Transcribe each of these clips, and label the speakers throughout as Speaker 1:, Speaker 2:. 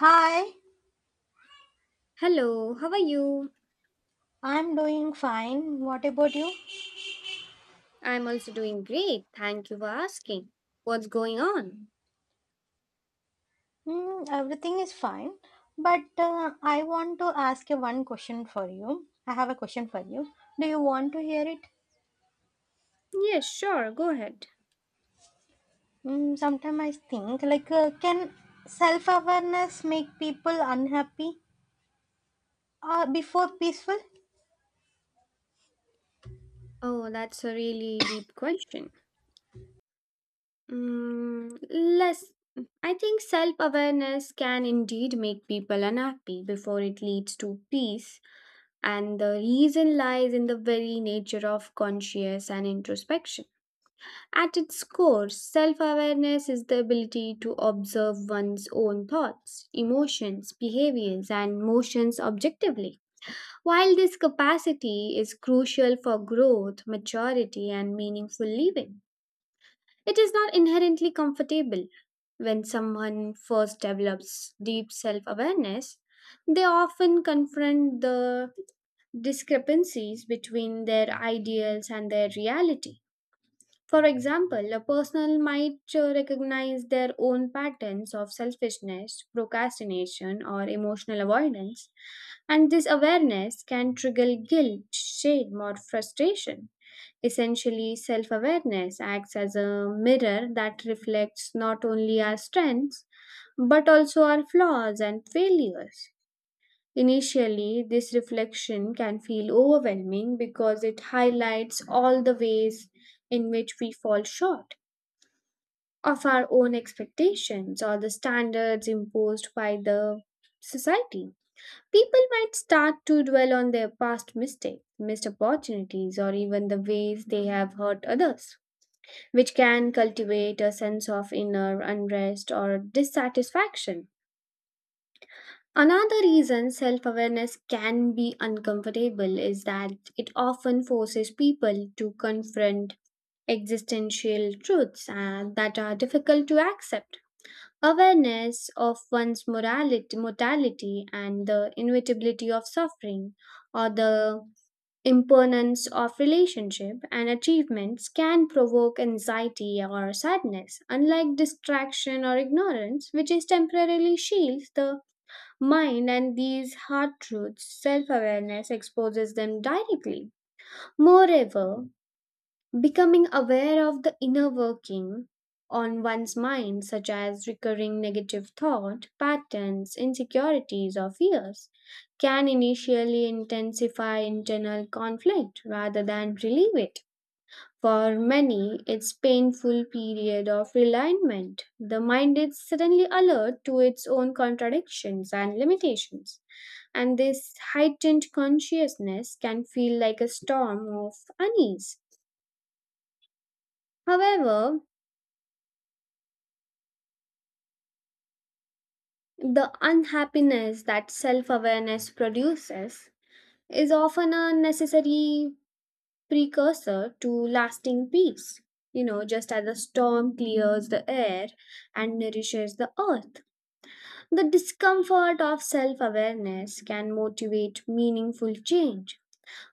Speaker 1: Hi,
Speaker 2: Hello, how are you?
Speaker 1: I'm doing fine. What about you?
Speaker 2: I'm also doing great. Thank you for asking. What's going on?
Speaker 1: Everything is fine. But I want to ask you one question for you. I have a question for you. Do you want to hear it?
Speaker 2: Yes, sure, go ahead.
Speaker 1: Sometimes I think, like, can self awareness make people unhappy before peaceful?
Speaker 2: Oh, that's a really deep question. Mm, less, I think self awareness can indeed make people unhappy before it leads to peace, and the reason lies in the very nature of conscious and introspection. At its core, self awareness is the ability to observe one's own thoughts, emotions, behaviors, and motions objectively. While this capacity is crucial for growth, maturity, and meaningful living, it is not inherently comfortable. When someone first develops deep self awareness, they often confront the discrepancies between their ideals and their reality. For example, a person might recognize their own patterns of selfishness, procrastination, or emotional avoidance, and this awareness can trigger guilt, shame, or frustration. Essentially, self awareness acts as a mirror that reflects not only our strengths but also our flaws and failures. Initially, this reflection can feel overwhelming because it highlights all the ways in which we fall short of our own expectations or the standards imposed by the society. People might start to dwell on their past mistakes, missed opportunities, or even the ways they have hurt others, which can cultivate a sense of inner unrest or dissatisfaction. Another reason self awareness can be uncomfortable is that it often forces people to confront existential truths that are difficult to accept. Awareness of one's morality, mortality and the inevitability of suffering or the impermanence of relationship and achievements can provoke anxiety or sadness, unlike distraction or ignorance which is temporarily shields the mind and these hard truths. Self awareness exposes them directly. Moreover, becoming aware of the inner working on one's mind, such as recurring negative thought patterns, insecurities, or fears, can initially intensify internal conflict rather than relieve it. For many, it's painful period of realignment. The mind is suddenly alert to its own contradictions and limitations, and this heightened consciousness can feel like a storm of unease. However, the unhappiness that self awareness produces is often a necessary precursor to lasting peace. You know, just as the storm clears the air and nourishes the earth, the discomfort of self awareness can motivate meaningful change.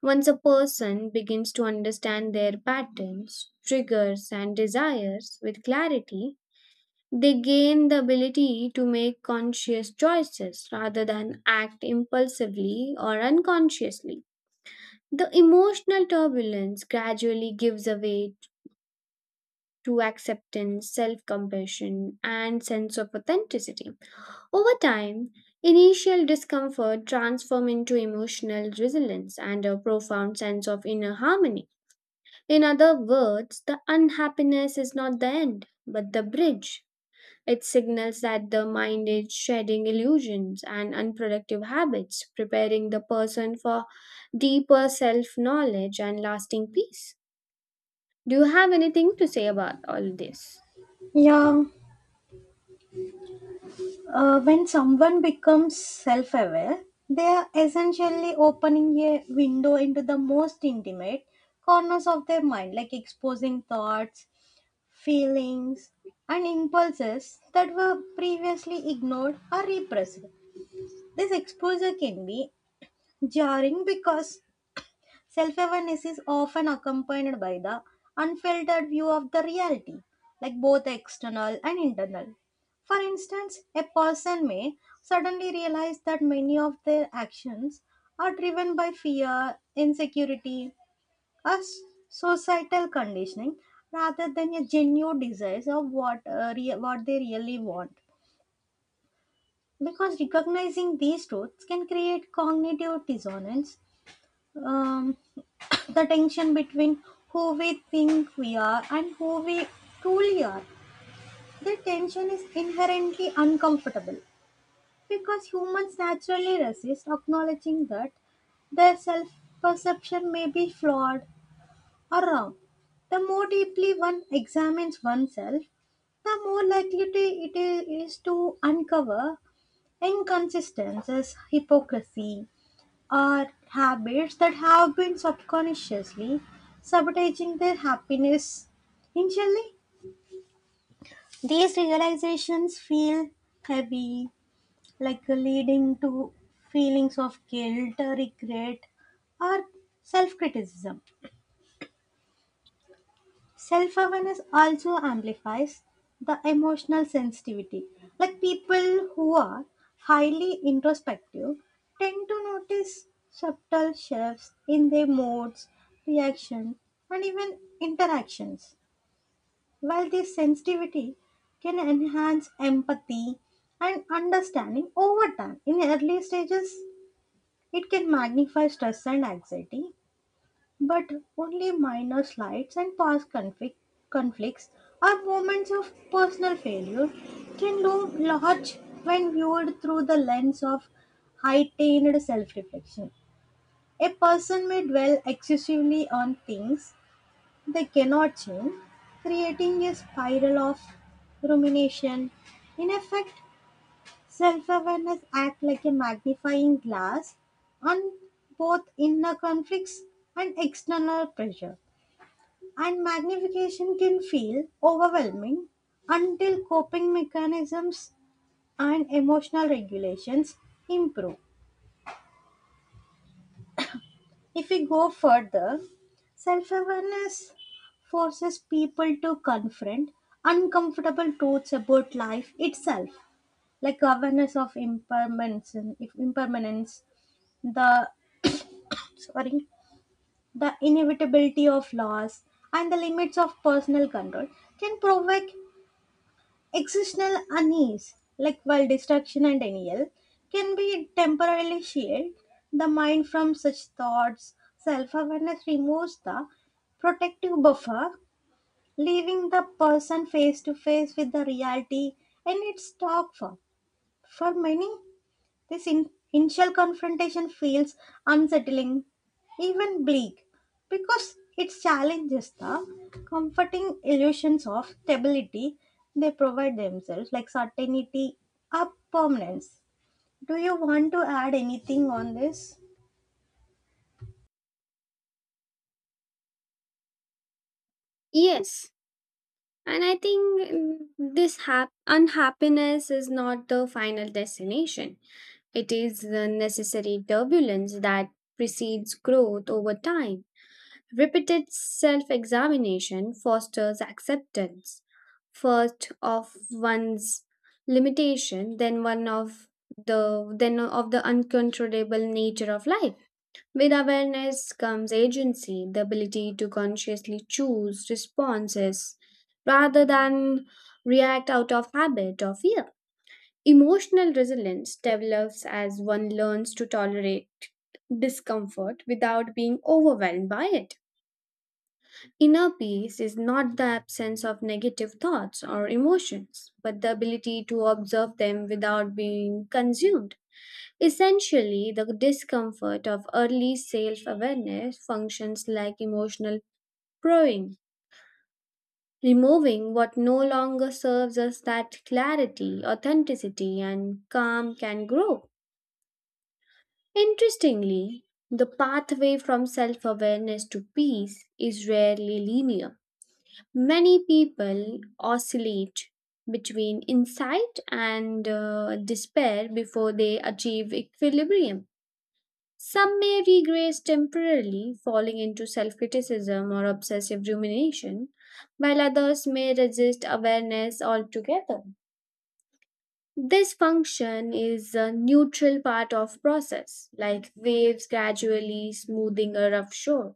Speaker 2: Once a person begins to understand their patterns, triggers, and desires with clarity, they gain the ability to make conscious choices rather than act impulsively or unconsciously. The emotional turbulence gradually gives way to acceptance, self compassion, and sense of authenticity. Over time, initial discomfort transforms into emotional resilience and a profound sense of inner harmony. In other words, the unhappiness is not the end, but the bridge. It signals that the mind is shedding illusions and unproductive habits, preparing the person for deeper self knowledge and lasting peace. Do you have anything to say about all this?
Speaker 1: Yeah, when someone becomes self aware, they are essentially opening a window into the most intimate corners of their mind, like exposing thoughts, feelings, and impulses that were previously ignored or repressed. This exposure can be jarring because self awareness is often accompanied by the unfiltered view of the reality, like both external and internal. For instance, a person may suddenly realize that many of their actions are driven by fear, insecurity, or societal conditioning rather than a genuine desire of what they really want. Because recognizing these truths can create cognitive dissonance. Um, the tension between who we think we are and who we truly are. The tension is inherently uncomfortable because humans naturally resist acknowledging that their self perception may be flawed or wrong. The more deeply one examines oneself, the more likely it is to uncover inconsistencies, hypocrisy, are habits that have been subconsciously sabotaging their happiness. Initially, these realizations feel heavy, like leading to feelings of guilt, regret, or self criticism. Self awareness also amplifies the emotional sensitivity. Like people who are highly introspective tend to notice subtle shifts in their moods, reactions, and even interactions. While this sensitivity can enhance empathy and understanding over time, in early stages, it can magnify stress and anxiety but only minor slights and past conflicts or moments of personal failure can loom large when viewed through the lens of heightened self reflection. A person may dwell excessively on things they cannot change, creating a spiral of rumination. In effect, self awareness acts like a magnifying glass on both inner conflicts and external pressure and magnification can feel overwhelming until coping mechanisms and emotional regulations improve. If we go further, self awareness forces people to confront uncomfortable truths about life itself, like awareness of impermanence, if impermanence, the sorry, the inevitability of loss, and the limits of personal control can provoke existential unease, like while distraction and denial, can be temporarily shield the mind from such thoughts. Self awareness removes the protective buffer, leaving the person face to face with the reality and its dark form. For many, this initial confrontation feels unsettling, even bleak, because it challenges the comforting illusions of stability they provide themselves, like certainty or permanence. Do you want to add anything on this?
Speaker 2: Yes, and I think unhappiness is not the final destination. It is the necessary turbulence that precedes growth over time. Repeated self examination fosters acceptance, first of one's limitation, then of the uncontrollable nature of life. With awareness comes agency, the ability to consciously choose responses rather than react out of habit or fear. Emotional resilience develops as one learns to tolerate discomfort without being overwhelmed by it. Inner peace is not the absence of negative thoughts or emotions, but the ability to observe them without being consumed. Essentially, the discomfort of early self awareness functions like emotional pruning, removing what no longer serves us that clarity, authenticity, and calm can grow. Interestingly, the pathway from self awareness to peace is rarely linear. Many people oscillate between insight and despair before they achieve equilibrium. Some may regress temporarily, falling into self criticism or obsessive rumination, while others may resist awareness altogether. This function is a neutral part of process, like waves gradually smoothing a rough shore.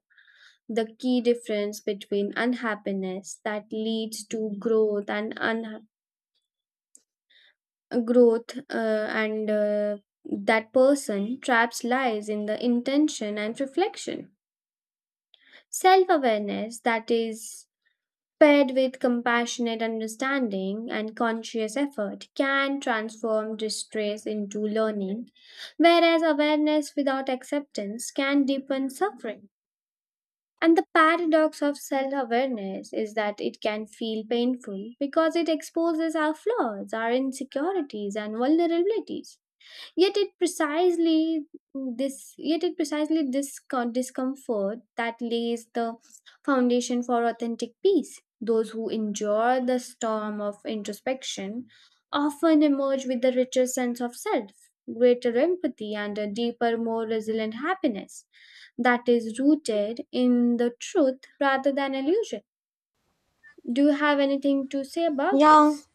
Speaker 2: The key difference between unhappiness that leads to growth and unha- growth and that person traps lies in the intention and reflection. Self awareness that is paired with compassionate understanding and conscious effort can transform distress into learning, whereas awareness without acceptance can deepen suffering. And the paradox of self awareness is that it can feel painful because it exposes our flaws, our insecurities, and vulnerabilities, yet it precisely this discomfort that lays the foundation for authentic peace. Those who endure the storm of introspection often emerge with a richer sense of self, greater empathy and a deeper, more resilient happiness that is rooted in the truth rather than illusion. Do you have anything to say about
Speaker 1: Yeah,
Speaker 2: this?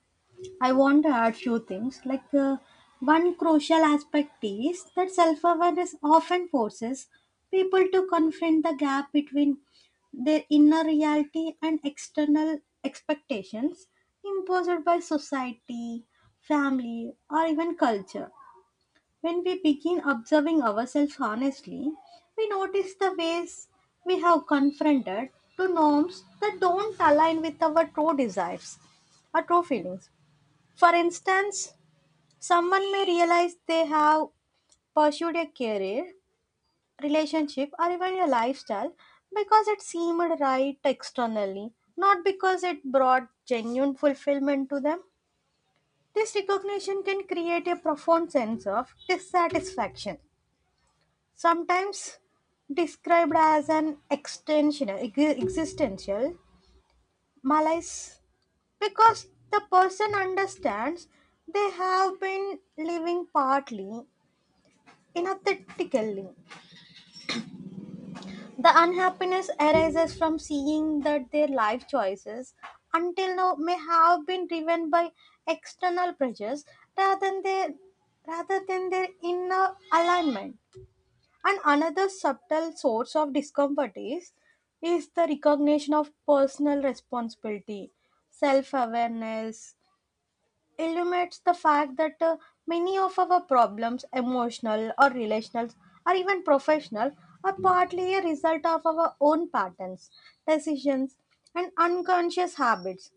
Speaker 1: I want to add few things. Like one crucial aspect is that self-awareness often forces people to confront the gap between their inner reality and external expectations imposed by society, family, or even culture. When we begin observing ourselves honestly, we notice the ways we have confronted to norms that don't align with our true desires or true feelings. For instance, someone may realize they have pursued a career, relationship, or even a lifestyle because it seemed right externally, not because it brought genuine fulfillment to them. This recognition can create a profound sense of dissatisfaction, sometimes described as an extensional, existential malaise, because the person understands they have been living partly inauthentically. The unhappiness arises from seeing that their life choices until now may have been driven by external pressures rather than their rather than their inner alignment. And another subtle source of discomfort is the recognition of personal responsibility. Self-awareness illuminates the fact that many of our problems, emotional or relational or even professional, are partly a result of our own patterns, decisions, and unconscious habits.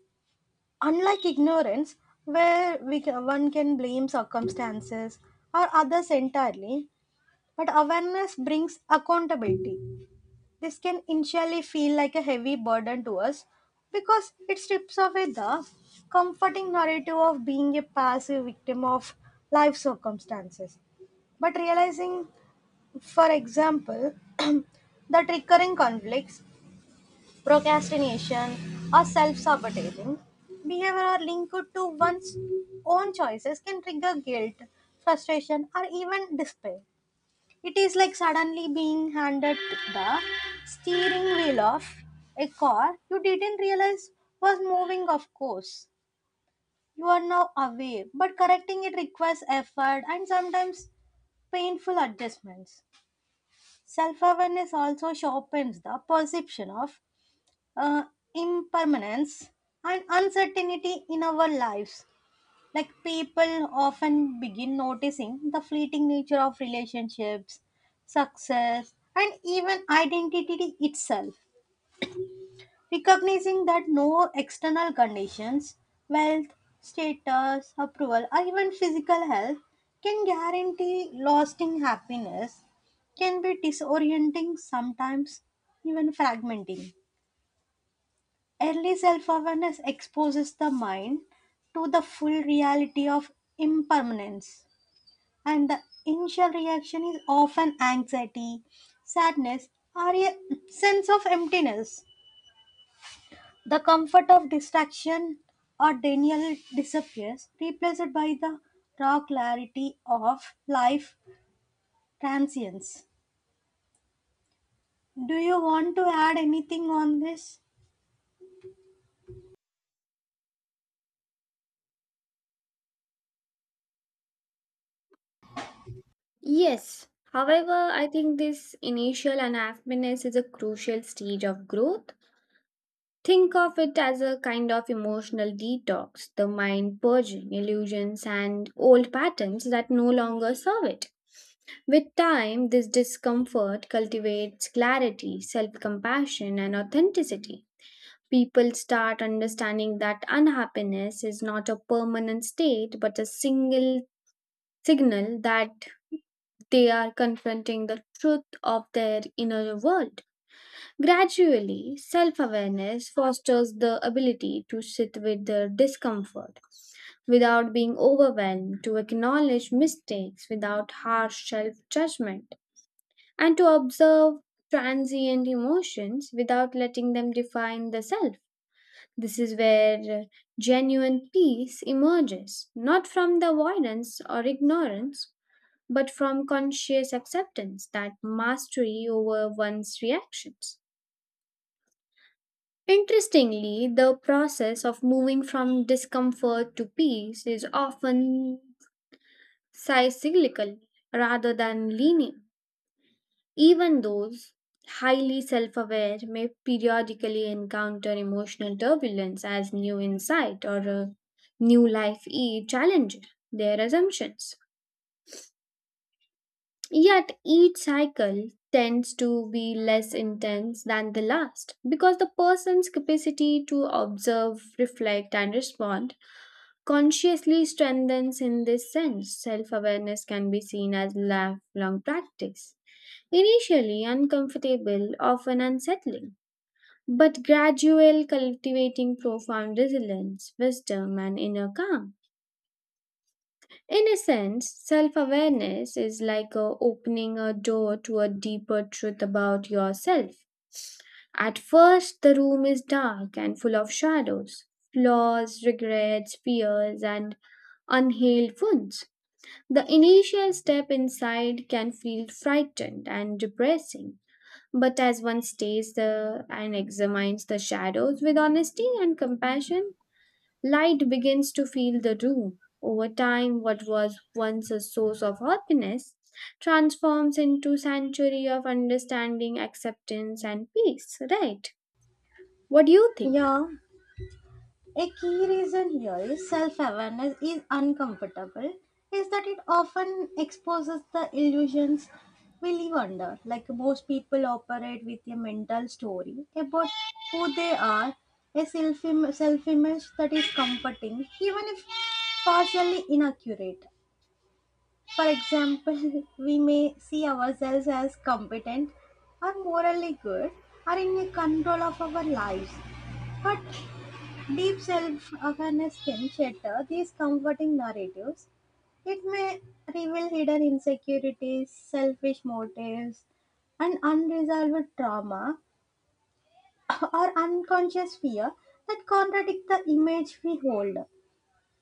Speaker 1: Unlike ignorance, where one can blame circumstances or others entirely, but awareness brings accountability. This can initially feel like a heavy burden to us because it strips away the comforting narrative of being a passive victim of life circumstances. But realizing, for example, that recurring conflicts, procrastination, or self sabotaging behavior are linked to one's own choices can trigger guilt, frustration, or even despair. It is like suddenly being handed the steering wheel of a car you didn't realize was moving, of course. You are now aware, but correcting it requires effort and sometimes painful adjustments. Self awareness also sharpens the perception of uh, impermanence and uncertainty in our lives. Like people often begin noticing the fleeting nature of relationships, success, and even identity itself, recognizing that no external conditions, wealth, status, approval, or even physical health can guarantee lasting happiness can be disorienting, sometimes even fragmenting. Early self awareness exposes the mind to the full reality of impermanence and the initial reaction is often anxiety, sadness, or a sense of emptiness. The comfort of distraction or denial disappears, replaced by the raw clarity of life transience. Do you want to add anything on this?
Speaker 2: Yes. However, I think this initial unhappiness is a crucial stage of growth. Think of it as a kind of emotional detox, the mind purging illusions and old patterns that no longer serve it. With time, this discomfort cultivates clarity, self compassion, and authenticity. People start understanding that unhappiness is not a permanent state but a single signal that they are confronting the truth of their inner world. Gradually, self awareness fosters the ability to sit with the discomfort without being overwhelmed, to acknowledge mistakes without harsh self judgment, and to observe transient emotions without letting them define the self. This is where genuine peace emerges, not from the avoidance or ignorance, but from conscious acceptance that mastery over one's reactions. Interestingly, the process of moving from discomfort to peace is often cyclical rather than linear. Even those highly self aware may periodically encounter emotional turbulence as new insight or a new life e challenges their assumptions. Yet each cycle tends to be less intense than the last because the person's capacity to observe, reflect, and respond consciously strengthens in this sense. Self awareness can be seen as lifelong practice. Initially uncomfortable, often unsettling, but gradual cultivating profound resilience, wisdom, and inner calm. In a sense, self awareness is like opening a door to a deeper truth about yourself. At first, the room is dark and full of shadows, flaws, regrets, fears, and unhealed wounds. The initial step inside can feel frightened and depressing. But as one stays, and examines the shadows with honesty and compassion, light begins to fill the room. Over time, what was once a source of happiness transforms into sanctuary of understanding, acceptance, and peace, right? What do you think?
Speaker 1: Yeah. A key reason here is self awareness is uncomfortable, is that it often exposes the illusions we live under. Like most people operate with a mental story about who they are, a self image that is comforting, even if partially inaccurate. For example, we may see ourselves as competent or morally good or in a control of our lives. But deep self-awareness can shatter these comforting narratives. It may reveal hidden insecurities, selfish motives, and unresolved trauma or unconscious fear that contradict the image we hold.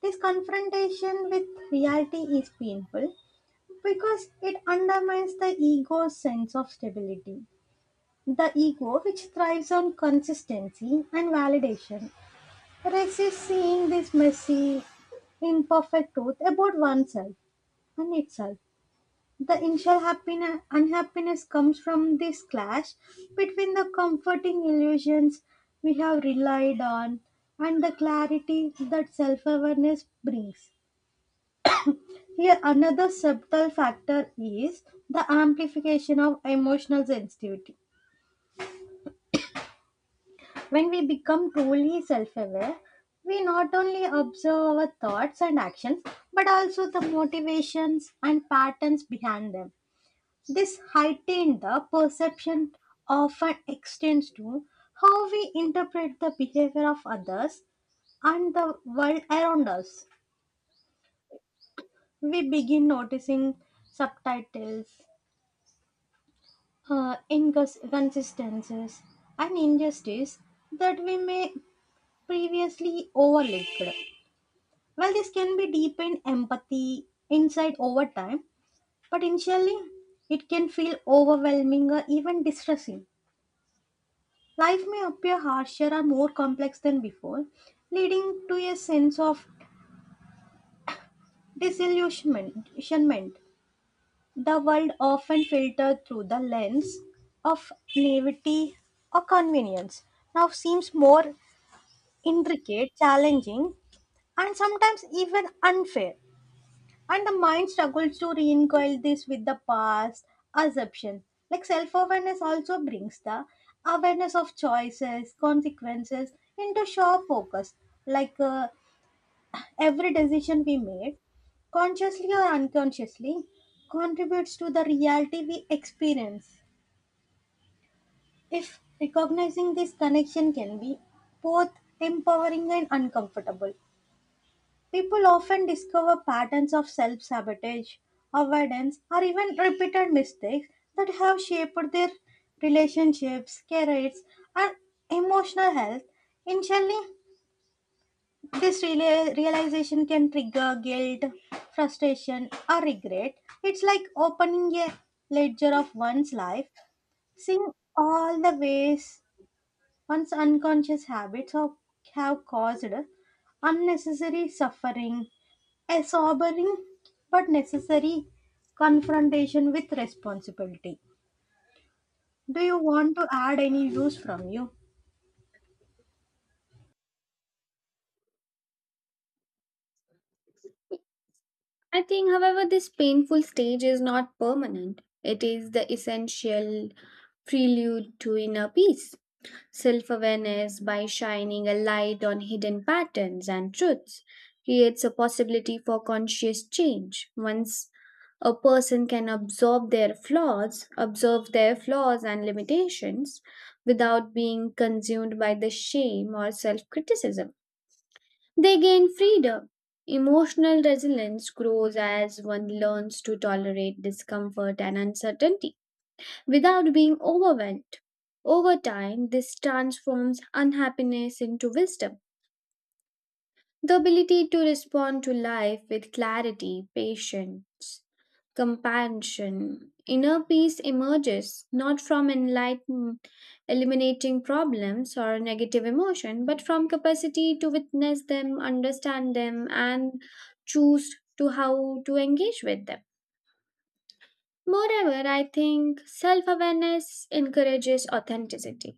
Speaker 1: This confrontation with reality is painful because it undermines the ego's sense of stability. The ego, which thrives on consistency and validation, resist seeing this messy, imperfect truth about oneself and itself. The initial happiness, unhappiness comes from this clash between the comforting illusions we have relied on and the clarity that self awareness brings. Here, another subtle factor is the amplification of emotional sensitivity. When we become truly self aware, we not only observe our thoughts and actions, but also the motivations and patterns behind them. This heightened the perception often extends to how we interpret the behavior of others and the world around us. We begin noticing subtitles, inconsistencies, and injustice that we may previously overlooked. Well, this can be deepened empathy inside over time, but initially it can feel overwhelming or even distressing. Life may appear harsher or more complex than before, leading to a sense of disillusionment. The world often filtered through the lens of naivety or convenience now seems more intricate, challenging, and sometimes even unfair. And the mind struggles to reconcile this with the past assumption. Like self awareness also brings the awareness of choices, consequences into sharp focus. Like every decision we made, consciously or unconsciously, contributes to the reality we experience. If recognizing this connection can be both empowering and uncomfortable, people often discover patterns of self sabotage, avoidance, or even repeated mistakes that have shaped their relationships, careers, and emotional health. Initially, this realization can trigger guilt, frustration, or regret. It's like opening a ledger of one's life, seeing all the ways one's unconscious habits have caused unnecessary suffering, a sobering but necessary confrontation with responsibility. Do you want to add any views from you?
Speaker 2: I think, however, this painful stage is not permanent. It is the essential prelude to inner peace. Self awareness, by shining a light on hidden patterns and truths, creates a possibility for conscious change. Once a person can absorb their flaws, observe their flaws and limitations without being consumed by the shame or self criticism, they gain freedom. Emotional resilience grows as one learns to tolerate discomfort and uncertainty without being overwhelmed. Over time, this transforms unhappiness into wisdom, the ability to respond to life with clarity, patience, compassion. Inner peace emerges not from eliminating problems or negative emotion, but from capacity to witness them, understand them, and choose to how to engage with them. Moreover, I think self awareness encourages authenticity.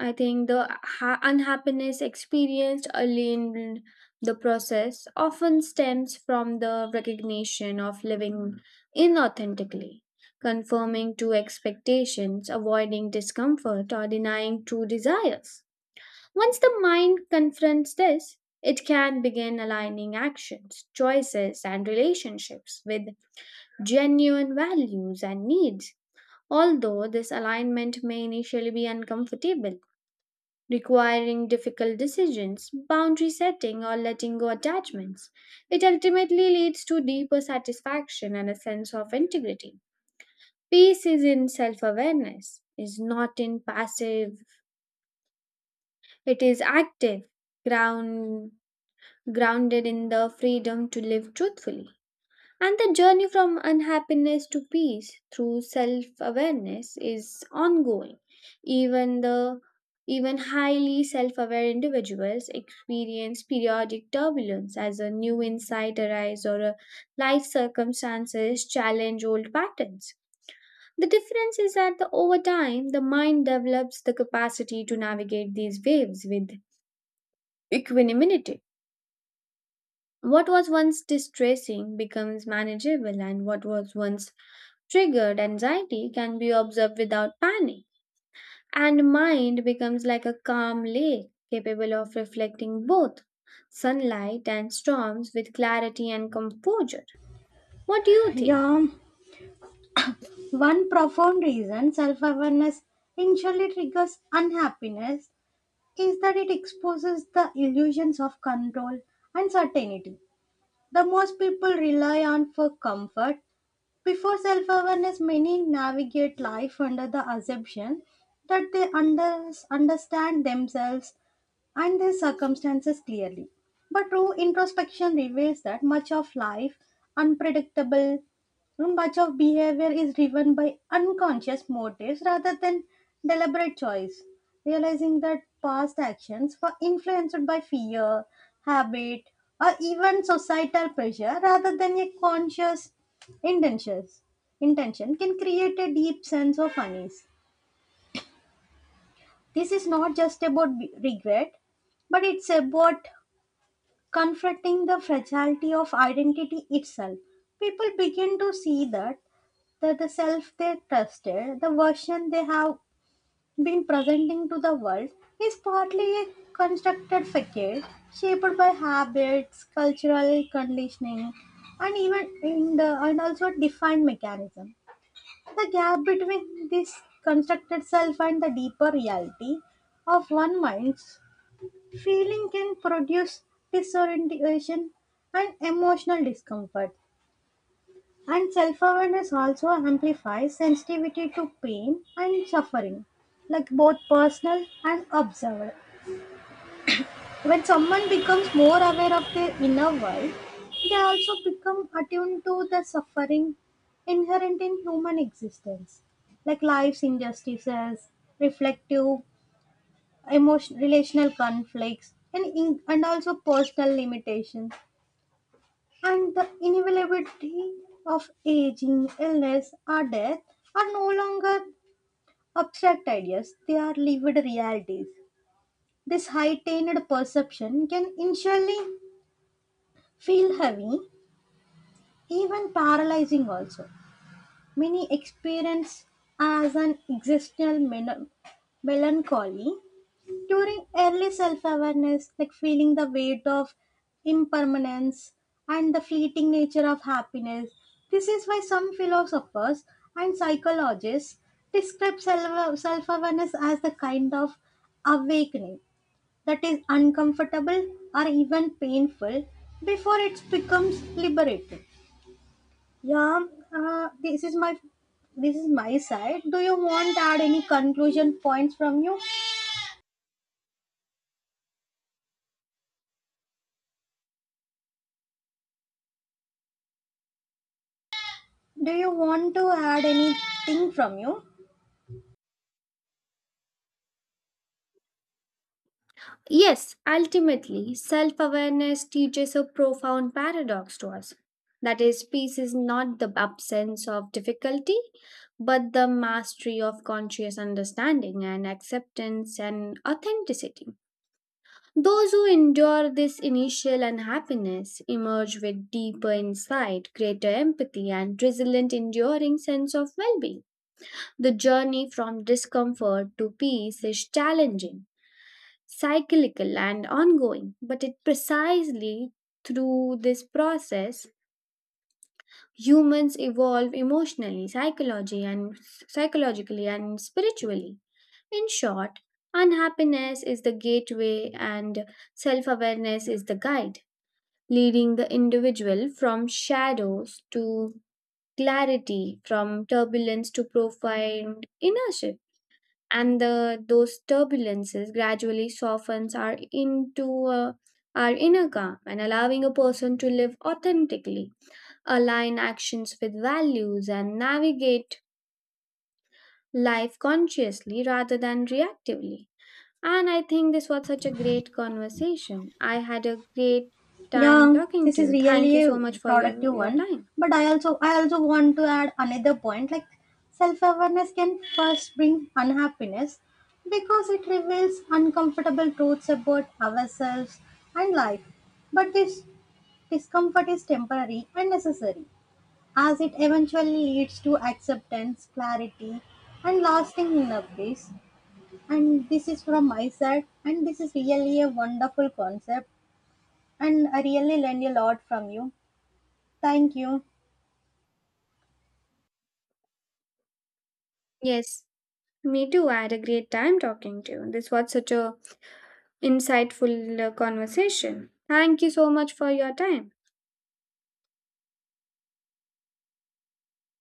Speaker 2: I think the unhappiness experienced early in the process often stems from the recognition of living inauthentically, conforming to expectations, avoiding discomfort, or denying true desires. Once the mind confronts this, it can begin aligning actions, choices, and relationships with genuine values and needs. Although this alignment may initially be uncomfortable, requiring difficult decisions, boundary setting, or letting go attachments. It ultimately leads to deeper satisfaction and a sense of integrity. Peace is in self awareness, is not in passive, it is active, ground, grounded in the freedom to live truthfully. And the journey from unhappiness to peace through self awareness is ongoing. Even the even highly self aware individuals experience periodic turbulence as a new insight arises or a life circumstances challenge old patterns. The difference is that, over time, the mind develops the capacity to navigate these waves with equanimity. What was once distressing becomes manageable, and what was once triggered anxiety can be observed without panic. And mind becomes like a calm lake, capable of reflecting both sunlight and storms with clarity and composure. What do you think?
Speaker 1: Yeah, one profound reason self awareness initially triggers unhappiness is that it exposes the illusions of control and certainty. The most people rely on for comfort. Before self awareness, many navigate life under the assumption that they understand themselves and their circumstances clearly. But true introspection reveals that much of life unpredictable so, much of behavior is driven by unconscious motives rather than deliberate choice. Realizing that past actions were influenced by fear, habit, or even societal pressure rather than a conscious intentions, intention can create a deep sense of unease. This is not just about regret, but it's about confronting the fragility of identity itself. People begin to see that the self they trusted, the version they have been presenting to the world, is partly a constructed facade shaped by habits, cultural conditioning, and even in the and also defined mechanism. The gap between this constructed self and the deeper reality of one mind's feeling can produce disorientation and emotional discomfort. And self awareness also amplifies sensitivity to pain and suffering, like both personal and observed. When someone becomes more aware of their inner world, they also become attuned to the suffering inherent in human existence, like life's injustices, reflective, emotional, relational conflicts, and also personal limitations. And the inevitability of aging, illness, or death are no longer abstract ideas, they are lived realities. This heightened perception can initially feel heavy, even paralyzing, also. Many experience as an existential melancholy during early self awareness, like feeling the weight of impermanence and the fleeting nature of happiness. This is why some philosophers and psychologists describe self awareness as the kind of awakening that is uncomfortable or even painful before it becomes liberating. Yeah, uh, this is my this is my side. Do you want to add any conclusion points from you? Do you want to add anything from you?
Speaker 2: Yes, ultimately, self awareness teaches a profound paradox to us. That is, peace is not the absence of difficulty, but the mastery of conscious understanding and acceptance and authenticity. Those who endure this initial unhappiness emerge with deeper insight, greater empathy, and resilient, enduring sense of well being. The journey from discomfort to peace is challenging, cyclical and ongoing, but it precisely through this process humans evolve emotionally, psychology and psychologically and spiritually. In short, unhappiness is the gateway and self-awareness is the guide, leading the individual from shadows to clarity, from turbulence to profound inertia, and those turbulences gradually softens our into our inner calm and allowing a person to live authentically, align actions with values and navigate life consciously rather than reactively. And I think this was such a great conversation. I had a great time
Speaker 1: Yeah,
Speaker 2: talking
Speaker 1: this
Speaker 2: to
Speaker 1: is
Speaker 2: you. Thank you
Speaker 1: really a
Speaker 2: so much for your
Speaker 1: productive
Speaker 2: your
Speaker 1: one.
Speaker 2: time.
Speaker 1: But I also want to add another point like self-awareness can first bring unhappiness because it reveals uncomfortable truths about ourselves and life. But this discomfort is temporary and necessary as it eventually leads to acceptance, clarity and lasting inner peace. And this is from my side, and this is really a wonderful concept. And I really learned a lot from you. Thank you.
Speaker 2: Yes, me too. I had a great time talking to you. This was such a insightful conversation. Thank you so much for your time.